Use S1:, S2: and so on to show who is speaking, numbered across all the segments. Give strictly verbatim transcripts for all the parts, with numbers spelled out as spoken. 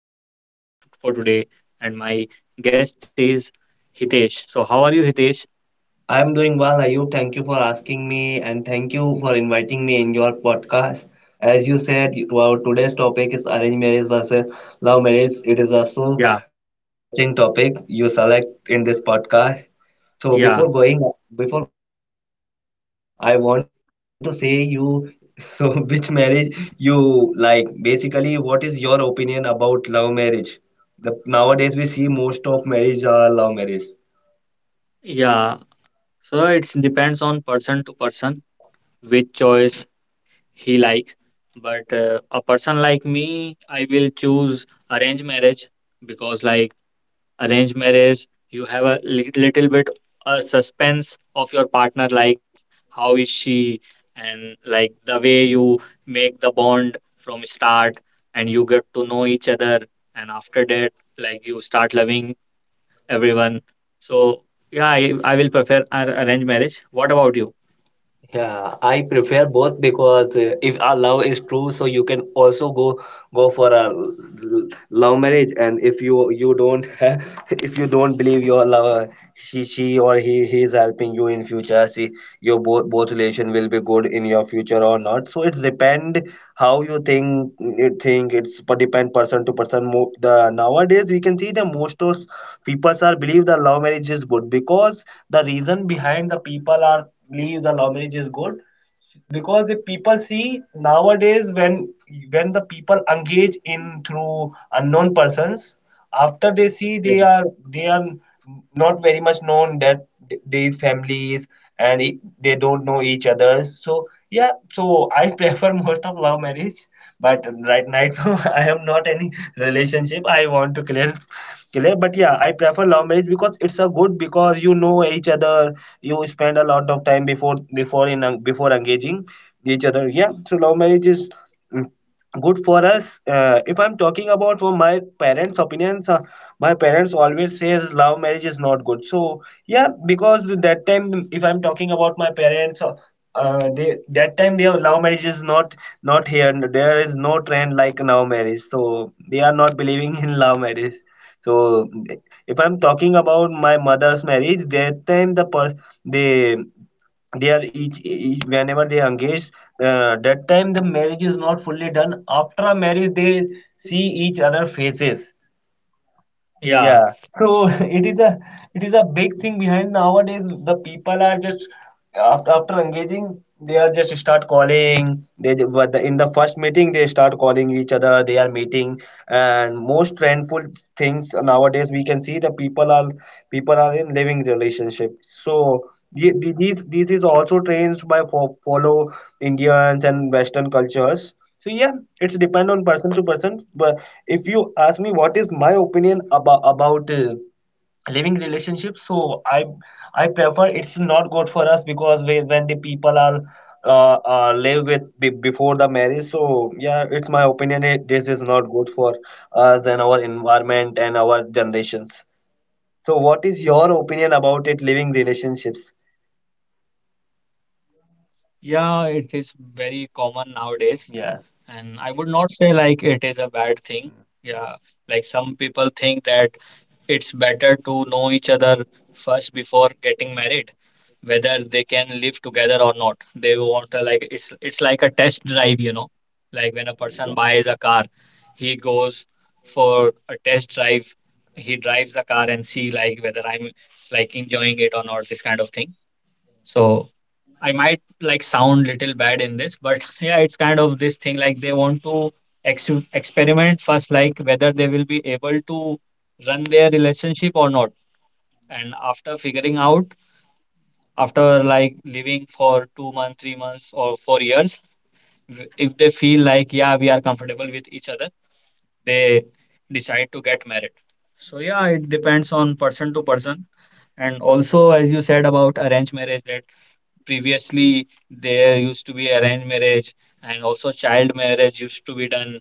S1: Ayub, your host f- for today, and my guest is Hitesh. So, how are you, Hitesh?
S2: I'm doing well, Ayub. Thank you for asking me and thank you for inviting me in your podcast. As you said, our today's topic is arranged marriage versus love marriage. It is also
S1: Yeah,
S2: interesting topic you select in this podcast. So
S1: yeah,
S2: before going before going ahead, I I want to say you so which marriage you like. Basically, what is your opinion about love marriage? The, nowadays we see most of marriage are love marriage.
S1: yeah. So, it depends on person to person which choice he likes. But uh, a person like me, I will choose arranged marriage because, like, arranged marriage you have a li- little bit a suspense of your partner, like how is she, and like the way you make the bond from start and you get to know each other, and after that, like you start loving everyone. So yeah, i, I will prefer ar- arranged marriage. What about you?
S2: Yeah, I prefer both because uh, if our love is true, so you can also go go for a l- l- love marriage, and if you you don't if you don't believe your lover, she she or he he is helping you in future, see your both both relation will be good in your future or not. So it depend how you think it, think it's but depend person to person. Mo- the Nowadays we can see the most of people are believe the love marriage is good, because the reason behind the people are believe the love marriage is good, because the people see nowadays when when the people engage in through unknown persons, after they see
S1: Yeah,
S2: they are they are not very much known that th- these families, and it, they don't know each other. So yeah, so I prefer most of love marriage, but right now I am not any relationship. I want to clear, clear. But yeah, I prefer love marriage because it's a good, because you know each other. You spend a lot of time before before in before engaging each other. Yeah, so love marriage is mm, good for us. Uh, if I'm talking about for my parents' opinions, uh, my parents always say love marriage is not good. So yeah, because that time, if I'm talking about my parents. Uh, uh, they that time their love marriage is not not here, and there is no trend like now marriage, so they are not believing in love marriage. So if I'm talking about my mother's marriage, that time the per- they they are each, each whenever they engage, uh, that time the marriage is not fully done. After a marriage they see each other faces,
S1: yeah,
S2: yeah, so it is a it is a big thing behind nowadays. The people are just after after engaging, they are just start calling. They ju- but the- in the first meeting they start calling each other. They are meeting, and most trendful things nowadays we can see the people are people are in living relationship. So the- the- these this is also trends by fo- follow Indians and Western cultures. So yeah, it's depend on person to person. But if you ask me what is my opinion about about uh, living relationship, so i i prefer it's not good for us, because we, when the people are uh, uh, live with be, before the marriage. So yeah, it's my opinion it, this is not good for us and our environment and our generations. So what is your opinion about it, living relationships?
S1: yeah, it is very common nowadays.
S2: Yeah.
S1: And I would not say like it is a bad thing. Yeah, like some people think that it's better to know each other first before getting married, whether they can live together or not. They want to, like, it's it's like a test drive, you know.
S2: Yeah.
S1: Like when a person buys a car, he goes for a test drive. He drives the car and see like whether I'm like enjoying it or not, this kind of thing. So I might like sound little bad in this, but yeah, it's kind of this thing, like they want to ex experiment first, like whether they will be able to run their relationship or not. And after figuring out, after like living for two months, three months, or four years, w- if they feel like, yeah, we are comfortable with each other, they decide to get married. So yeah, it depends on person to person. And also, as you said about arranged marriage, that previously there used to be arranged marriage, and also child marriage used to be done,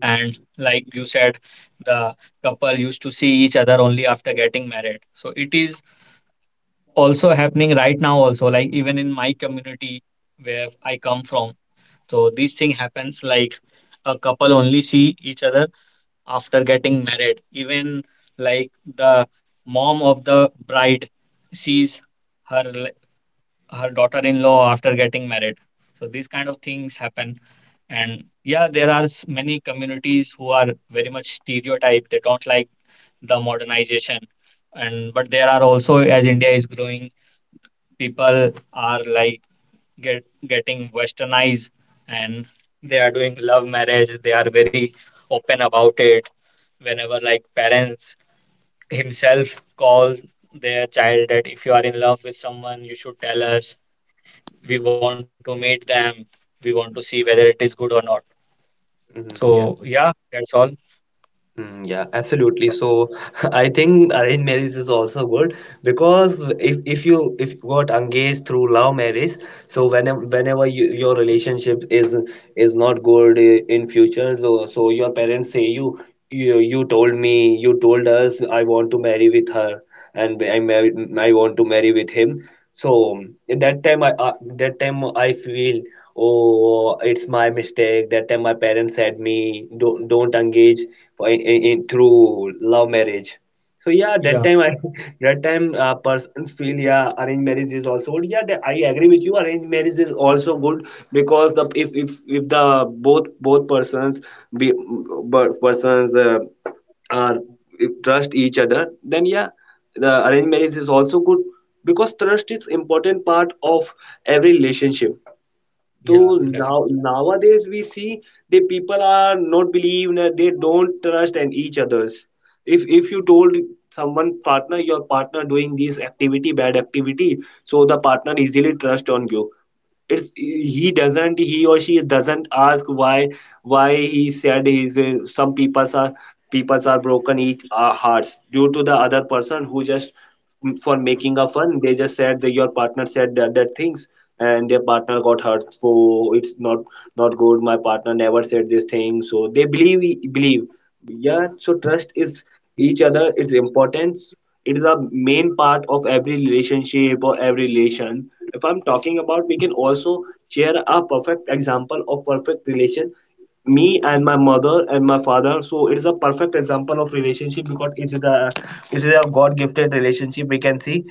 S1: and like you said, the couple used to see each other only after getting married. So it is also happening right now also, like even in my community where I come from. So this thing happens, like a couple only see each other after getting married. Even like the mom of the bride sees her her daughter-in-law after getting married. So these kind of things happen. And yeah, there are s- many communities who are very much stereotyped. They don't like the modernization. And but there are also, as India is growing, people are like get getting westernized, and they are doing love marriage. They are very open about it. Whenever like parents himself calls their child that if you are in love with someone, you should tell us, we want to meet them, we want to see whether it is good or not.
S2: Mm,
S1: So
S2: yeah.
S1: yeah, that's all.
S2: Mm, yeah, absolutely. So I think arranged marriage is also good. Because if if you if you got engaged through love marriage, so whenever whenever you, your relationship is is not good eh, in future, so, so your parents say you, you you told me, you told us I want to marry with her, and I marry, I want to marry with him. So at that time I uh, that time I feel, oh it's my mistake, that time my parents said me don't don't engage for in, in, in- through love marriage. So yeah, that
S1: Yeah,
S2: time I that time uh, persons feel, yeah arranged marriage is also good. Yeah, that, I agree with you. Arranged marriage is also good, because the if if if the both both persons be but persons uh, are if trust each other, then yeah, the arranged marriage is also good, because trust is important part of every relationship.
S1: yeah,
S2: To
S1: definitely.
S2: now Nowadays we see the people are not believe, that they don't trust and each others. If if you told someone partner, your partner doing this activity, bad activity, so the partner easily trust on you. It's he doesn't, he or she doesn't ask why why he said. He's uh, some people's are people's are broken each uh, hearts, due to the other person who just mm, for making a fun, they just said that your partner said that that things, and their partner got hurt. So it's not not good, my partner never said this thing, so they believe believe. Yeah, so trust is each other its importance. It is a main part of every relationship or every relation. If I'm talking about, we can also share a perfect example of perfect relation, me and my mother and my father. So it is a perfect example of relationship, because it is a it is a god gifted relationship we can see.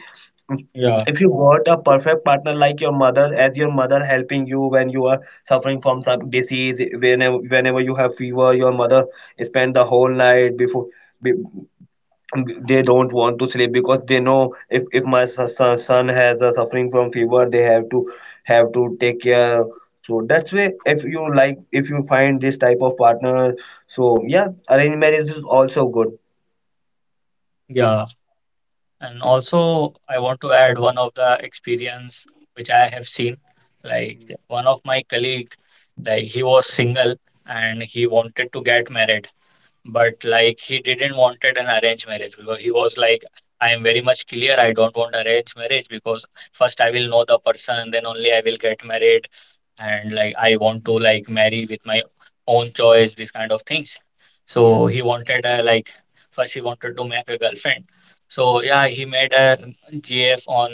S1: Yeah,
S2: If you got a perfect partner like your mother, as your mother helping you when you are suffering from some disease, whenever whenever you have fever, your mother spend the whole night, before be- they don't want to sleep, because they know if, if my son, son son has a suffering from fever, they have to have to take care. So that's why if you like, if you find this type of partner, so yeah, arranged marriage is also good.
S1: yeah, and also I want to add one of the experience which I have seen. Like
S2: Mm.
S1: one of my colleague, like he was single and he wanted to get married, but like he didn't wanted an arranged marriage because he was like, I am very much clear, I don't want arranged marriage because first I will know the person, then only I will get married, and like I want to like marry with my own choice, these kind of things.
S2: Yeah.
S1: So he wanted a like, first he wanted to make a girlfriend. So yeah, he made a G F on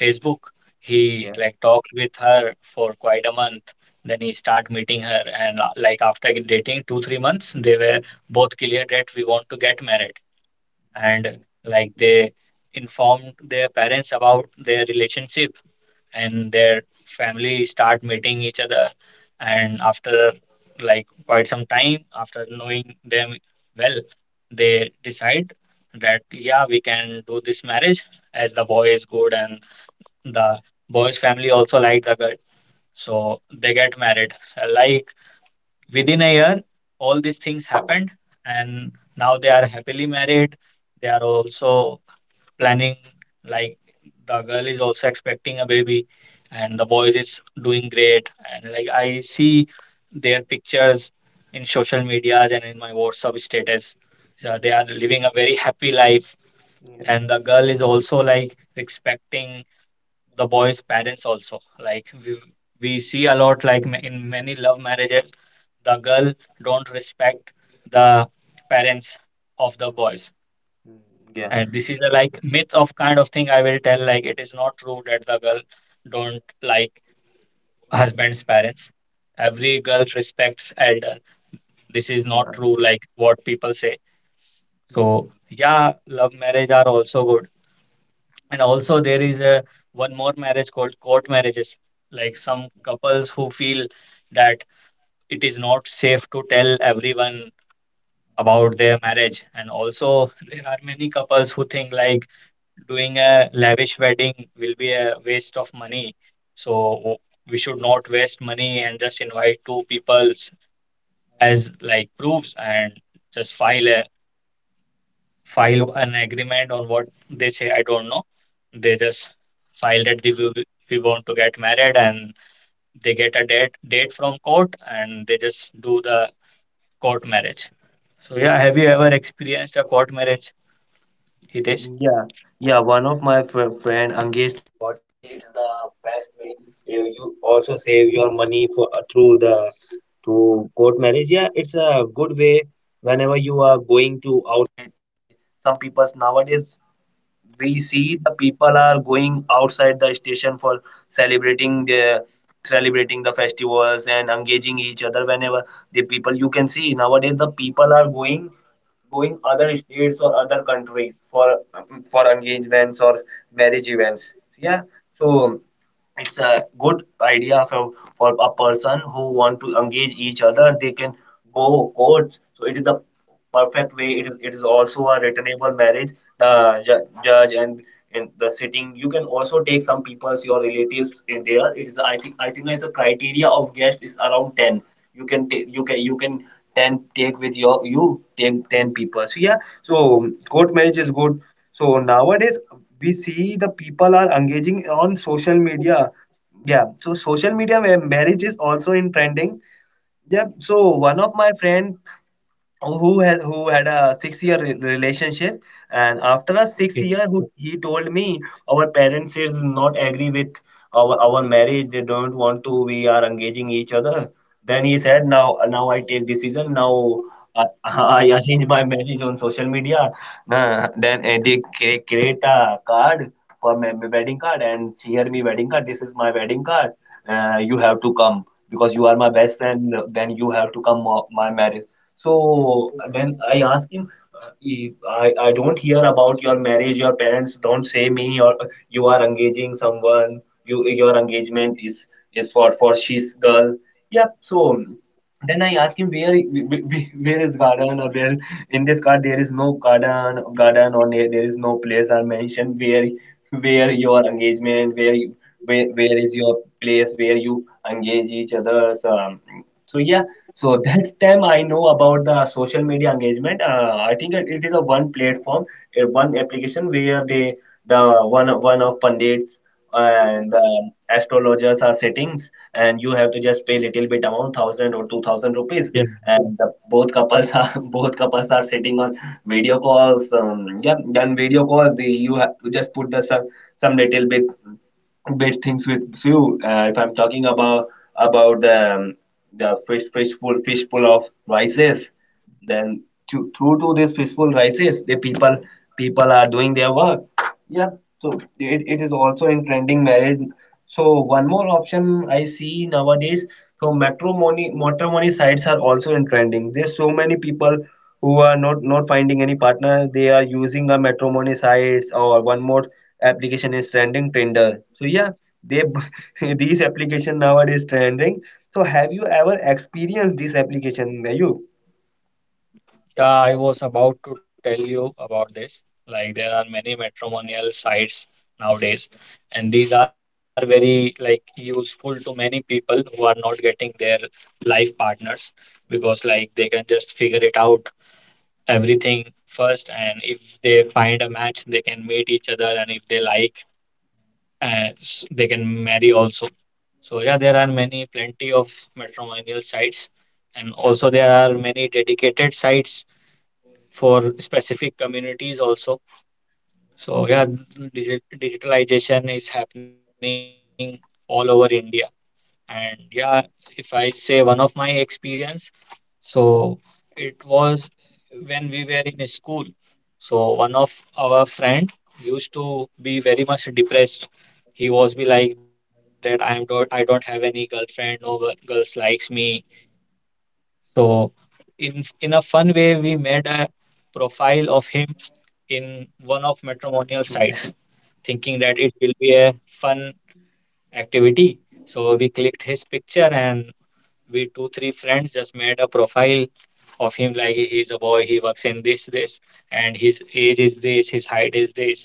S1: Facebook. He
S2: Yeah.
S1: like talked with her for quite a month. Then he start meeting her, and uh, like after dating two three months, they were both clear that we want to get married, and like they informed their parents about their relationship, and their family start meeting each other, and after like quite some time after knowing them well, they decide that yeah, we can do this marriage, as the boy is good and the boy's family also like the girl. So they get married, like within a year all these things happened, and now they are happily married. They are also planning, like the girl is also expecting a baby and the boys is doing great, and like I see their pictures in social medias and in my WhatsApp status. So they are living a very happy life.
S2: Yeah.
S1: And the girl is also like respecting the boy's parents also. Like we, we see a lot like ma- in many love marriages the girl don't respect the parents of the boys.
S2: Mm, yeah.
S1: And this is a like myth of kind of thing, I will tell, like it is not true that the girl don't like husband's parents. Every girl respects elder. This is not
S2: Mm.
S1: true like what people say. So
S2: Mm.
S1: yeah, love marriage are also good. And also
S2: Mm.
S1: there is a one more marriage called court marriages. Like some couples who feel that it is not safe to tell everyone about their marriage. And also there are many couples who think like doing a lavish wedding will be a waste of money. So we should not waste money and just invite two people as like proofs and just file a file an agreement on what they say. I don't know. They just file that they will, we want to get married, and they get a date date from court, and they just do the court marriage. So yeah, have you ever experienced a court marriage, Hitesh?
S2: Yeah, yeah. One of my fr friend
S3: The people are going outside the station for celebrating the celebrating the festivals and engaging each other. Whenever the people, you can see nowadays, the people are going going other states or other countries for for engagements or marriage events, yeah. So it's a good idea for, for a person who want to engage each other, they can go courts. So it is a perfect way. It is it is also a returnable marriage. The ju- judge and in the sitting, you can also take some people's, your relatives in there. It is, i think i think is a criteria of guest is around ten. You can take, you can you can ten take with your, you take ten people. So yeah, so court marriage is good. So nowadays we see the people are engaging on social media. Yeah, so social media where marriage is also in trending. Yeah, so one of my friend who had who had a six year re- relationship, and after a
S1: Okay.
S3: six year, who, he told me our parents is not agree with our our marriage. They don't want to, we are engaging each other. Then he said, now, now I take decision now. i, I arrange my marriage on social media. Uh, then uh, they cre- create a card for my my wedding card and share me wedding card. This is my wedding card. Uh, you have to come because you are my best friend. Then you have to come uh, my marriage. So when I asked him, uh, if I, I don't hear about your marriage, your parents don't say me, or uh, you are engaging someone, you your engagement is is for for she's girl. Yeah. So then I asked him, where, wh- wh- where is garden, or where in this card there is no garden garden, or there, there is no place are mentioned where where your engagement, where you, where, where is your place where you engage each other? So, um, so yeah, so that time I know about the social media engagement. uh, I think it, it is a one platform, a one application where they the one one of pundits and the astrologers are settings, and you have to just pay little bit amount, thousand or two thousand rupees, and the, both couples are both couples are sitting on video calls. Um, yeah, then video calls, the, you have to just put the some, some little bit bit things with you. Uh, if I'm talking about about the um, the fish fishful fishful of rices, then to, through to this fishful rices, the people, people are doing their work. Yeah. So it, it is also in trending marriage. So one more option I see nowadays. So matrimony, matrimony sites are also in trending. There's so many people who are not not finding any partner. They are using a matrimony sites, or one more application is trending, Tinder. So yeah, they these application nowadays trending. So have you ever experienced this application, Gayu?
S1: Yeah, I was about to tell you about this. Like there are many matrimonial sites nowadays, and these are very like useful to many people who are not getting their life partners because like they can just figure it out everything first, and if they find a match, they can meet each other, and if they like, uh, s- they can marry also. So yeah, there are many plenty of matrimonial sites, and also there are many dedicated sites for specific communities also. So yeah, digit digitalization is happening all over India. And yeah, if I say one of my experience, so it was when we were in school. So one of our friend used to be very much depressed. He was be like that I am don't I don't have any girlfriend, no girl, girls likes me. So in in a fun way, we made a profile of him in one of matrimonial sites, thinking that it will be a fun activity. So we clicked his picture, and we two, three friends just made a profile of him, like he's a boy, he works in this, this, and his age is this, his height is this,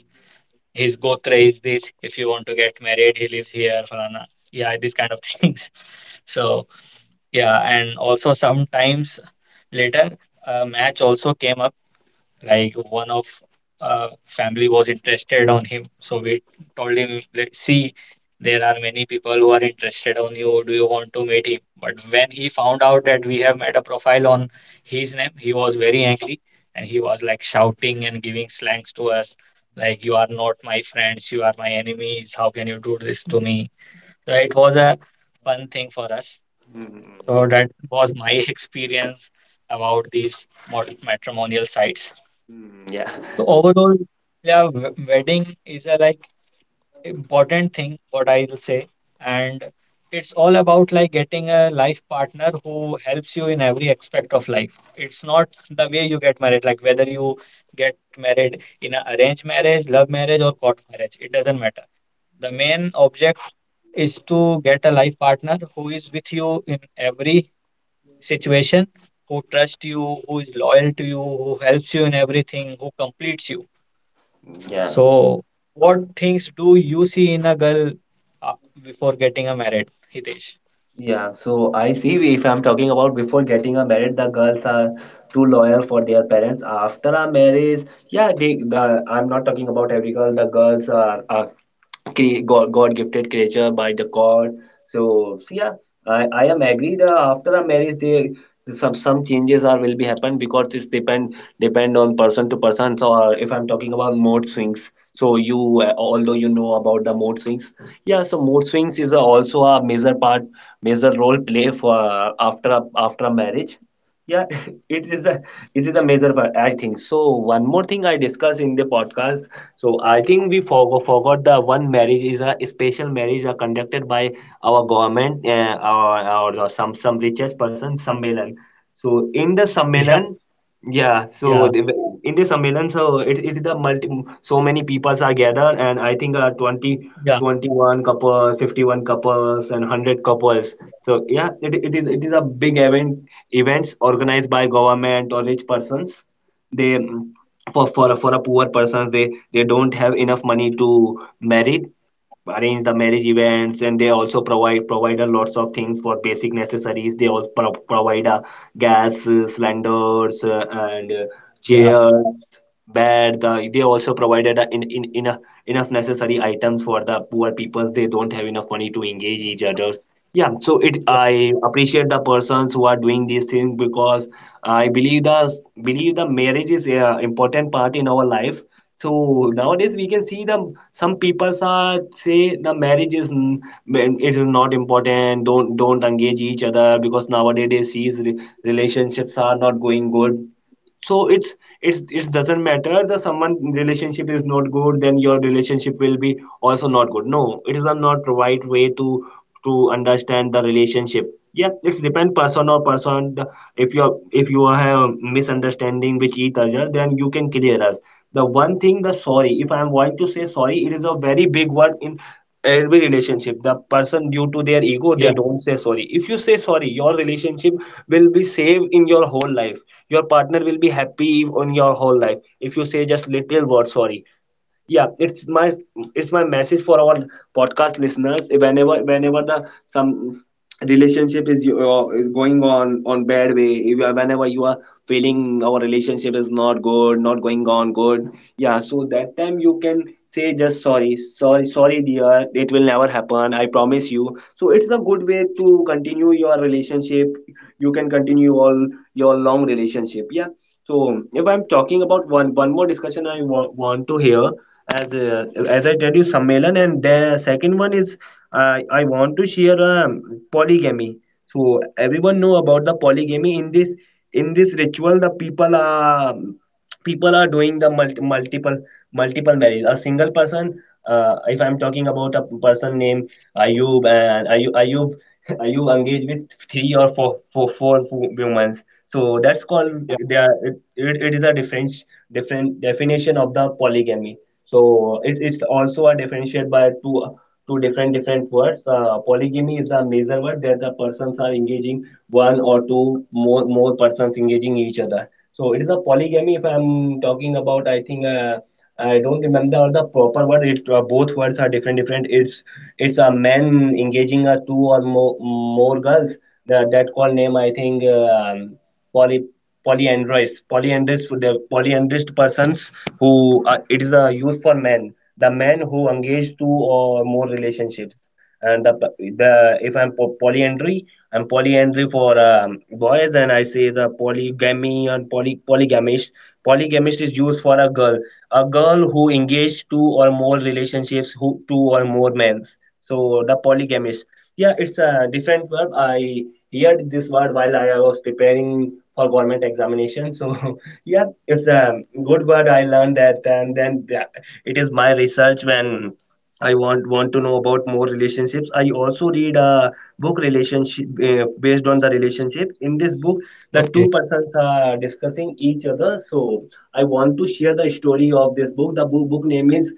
S1: his gotra is this. If you want to get married, he lives here, Falana. Yeah, these kind of things. So yeah, and also sometimes later, a match also came up, like one of uh, family was interested on him. So we told him, let's see, there are many people who are interested on you. Do you want to meet him? But when he found out that we have made a profile on his name, he was very angry and he was like shouting and giving slangs to us, like, you are not my friends, you are my enemies. How can you do this to me? So it was a fun thing for us. So that was my experience about these mod- matrimonial sites. So overall, yeah, w- wedding is a like important thing, what I'll say, and it's all about like getting a life partner who helps you in every aspect of life. It's not the way you get married, like whether you get married in an arranged marriage, love marriage, or court marriage. It doesn't matter. The main object is to get a life partner who is with you in every situation, who trusts you, who is loyal to you, who helps you in everything, who completes you.
S3: Yeah. Yeah,
S1: So, what things do you see in a girl uh, before getting a married, Hitesh?
S3: yeah. So I see, if I'm talking about before getting a married, the girls are too loyal for their parents. After a marriage, yeah, they, the, I'm not talking about every girl. The girls are a cre God, God gifted creature by the God. So, so yeah, I, I am agree that after a marriage, they some some changes are will be happen, because it's depend depend on person to person. So uh, if I'm talking about mode swings, so you, uh, although you know about the mode swings, yeah, so mode swings is a, also a major part, major role play for uh, after a, after a marriage, yeah, it is a, it is a major part, I think. So one more thing I discussed in the podcast. So I think we forgo forgot the one, marriage is a special marriage are conducted by our government, uh, or, or or some some richest person sammelan. So in the
S1: Yeah,
S3: sammelan, yeah, so the,
S1: yeah,
S3: in the sammelan, so it, it is the multi, so many peoples are gathered, and I think uh, twenty,
S1: yeah,
S3: twenty one couples, fifty-one couples, and one hundred couples. So yeah, it, it is it is a big event, events organized by government or rich persons. They for, for for a poor persons, they they don't have enough money to marry, arrange the marriage events. And they also provide provide a lots of things for basic necessities. They also pro- provide a gas uh, cylinders, uh, and uh,
S1: yeah,
S3: chairs, bed. The, they also provided a, in, in enough enough necessary items for the poor people. They don't have enough money to engage each other. Yeah, so it,
S1: yeah,
S3: I appreciate the persons who are doing these things, because I believe the, believe the marriage is a important part in our life. So nowadays we can see the, some people are say the marriage is n- it is not important. Don't, don't engage each other, because nowadays they see re- relationships are not going good. So it's it's it doesn't matter, the someone relationship is not good, then your relationship will be also not good. No, it is a not right way to to understand the relationship. Yeah, it's depend person or person. The- If you are, if you have misunderstanding with each other, then you can clear us the one thing, the sorry. If I am going to say sorry, it is a very big word in every relationship. The person due to their
S1: yeah,
S3: ego, they don't say sorry. If you say sorry, your relationship will be saved in your whole life. Your partner will be happy on your whole life if you say just little word sorry. Yeah, it's my, it's my message for our podcast listeners. Whenever whenever the some relationship is you- uh, is going on on bad way, if you are- whenever you are feeling our relationship is not good, not going on good, yeah, so that time you can say just sorry, sorry, sorry dear, it will never happen, I promise you. So it's a good way to continue your relationship. You can continue all your long relationship, yeah. So if I'm talking about one, one more discussion, I wa- want to hear as, uh, as I tell you, sammelan, and the second one is, uh, I want to share, um, polygamy. So everyone know about the polygamy. In this, in this ritual, the people are, people are doing the multi- multiple multiple marriage a single person. Uh, if I'm talking about a person named Ayub, and ayub Ayub, Ayub engaged with three or four, four four women so that's called,
S1: yeah.
S3: they are, it, it it is a different, different definition of the polygamy. So it, it's also a differentiated by two, two different, different words uh, Polygamy is a major word, that the persons are engaging one or two more, more persons engaging each other. So it is a polygamy. If I'm talking about, I think uh, I don't remember the proper word. It uh, both words are different. Different. It's it's a man engaging a two or more, more girls. That, that call name, I think, um poly, polyandrous polyandrous the polyandrous persons who, uh, it is a use for men, the man who engage two or more relationships. And the the if I'm po- polyandry, I'm polyandry for um, boys, and I say the polygamy and poly polygamist polygamist is used for a girl, a girl who engage two or more relationships, who two or more men. So the polygamist. Yeah, it's a different verb. I heard this word while I was preparing for government examination. So yeah, it's a good word I learned that, and then yeah, it is my research when I want want to know about more relationships. I also read a book relationship, uh, based on the relationship. In this book, the two
S1: Okay.
S3: persons are discussing each other. So I want to share the story of this book. The book, book name is,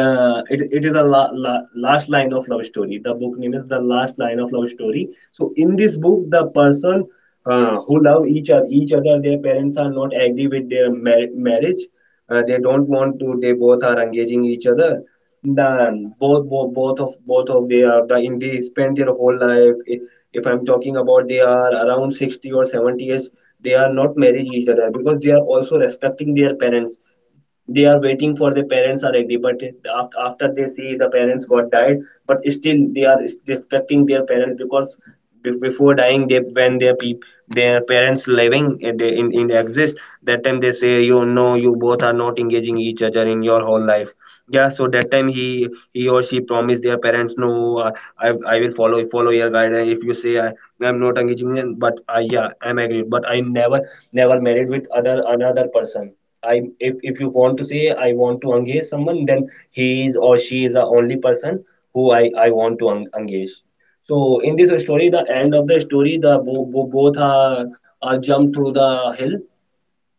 S3: uh, it, it is a la, la, last line of love story. The book name is The Last Line of Love Story. So in this book, the person, uh, who love each other, each other, their parents are not agree with their mar- marriage. Uh, they don't want to, they both are engaging each other. Then both, both, both of both of they are the in, they spend their whole life. if, if I'm talking about, they are around sixty or seventy years. They are not married each other because they are also respecting their parents. They are waiting for their parents are agree, but it- af- after they see the parents got died, but still they are respecting their parents. Because be- before dying, they, when their peop their parents living, eh, they in, in exist, that time they say, you know, you both are not engaging each other in your whole life. Yeah, so that time he he or she promised their parents, no, uh, I, i will follow follow your guidance. If you say I, I'm not engaging in- but I, yeah, I'm agreed, but I never, never married with other, another person. I, if, if you want to say I want to engage someone, then he is or she is the only person who, I I want to en- engage. So in this story, the end of the story, the bo- bo- both are are jumped through the hill,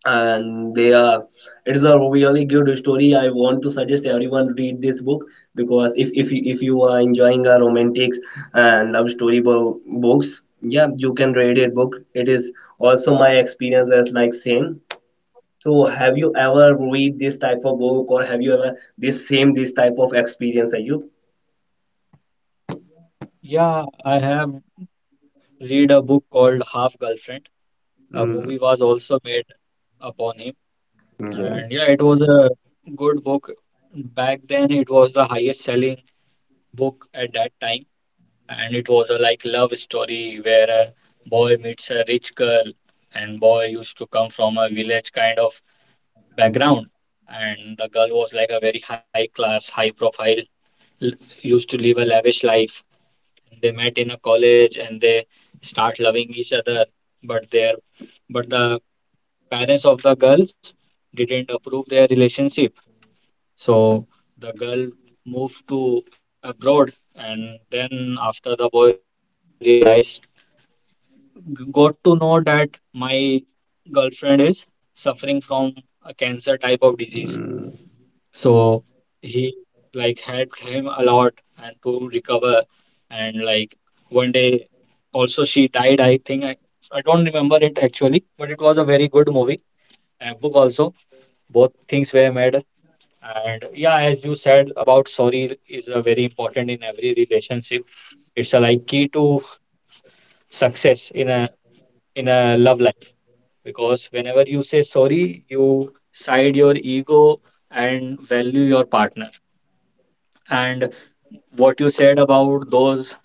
S3: and they are. It is a really good story. I want to suggest everyone read this book. Because if, if you, if you are enjoying a romantics and love story bo- books, yeah, you can read it book. It is also my experience as like same. So have you ever read this type of book, or have you ever this same, this type of experience, Ayub?
S1: Yeah, I have read a book called Half Girlfriend. A
S3: Mm,
S1: movie was also made upon him,
S3: yeah.
S1: and yeah, it was a good book. Back then, it was the highest selling book at that time. And it was a like love story where a boy meets a rich girl, and boy used to come from a village kind of background, and the girl was like a very high class high profile l- used to live a lavish life. They met in a college and they start loving each other, but their but the parents of the girls didn't approve their relationship. So the girl moved to abroad, and then after the boy realized, got to know that my girlfriend is suffering from a cancer type of disease.
S3: Mm,
S1: So he like helped him a lot and to recover. And like one day also she died, I think. I, I don't remember it actually, but it was a very good movie and book also. Both things were made. And yeah, as you said about sorry is a very important in every relationship. It's a like key to success in a in a love life. Because whenever you say sorry, you side your ego and value your partner. And what you said about those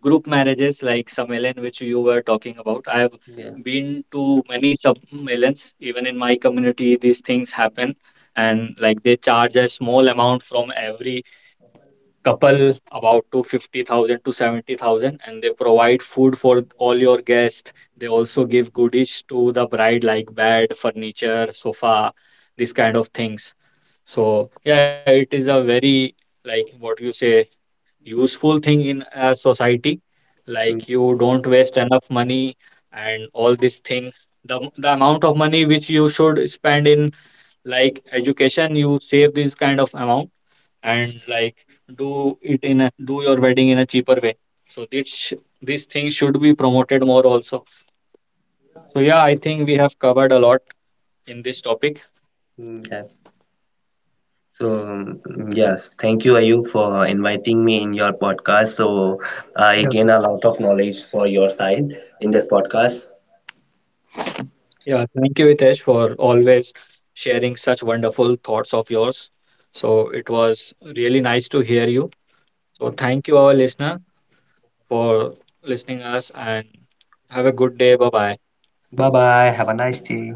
S1: group marriages like Sammelan, which you were talking about, I have
S3: Yeah.
S1: been to many Sammelans, even in my community, these things happen. And like they charge a small amount from every couple about to fifty thousand to seventy thousand, and they provide food for all your guests. They also give goodies to the bride like bed, furniture, sofa, these kind of things. So yeah, it is a very like what you say useful thing in a society.
S3: mm,
S1: Like you don't waste enough money and all these things. The, the amount of money which you should spend in like education, you save this kind of amount, and like do it in a, do your wedding in a cheaper way. So this sh- these things should be promoted more also. So yeah, I think we have covered a lot in this topic.
S3: mm, yeah. So, um, yes, thank you, Ayub, for inviting me in your podcast. So, I
S1: Yes.
S3: gain a lot of knowledge for your side in this podcast.
S1: Yeah, thank you, Hitesh, for always sharing such wonderful thoughts of yours. So it was really nice to hear you. So thank you, our listener, for listening us and have a good day. Bye bye.
S3: Bye bye. Have a nice day.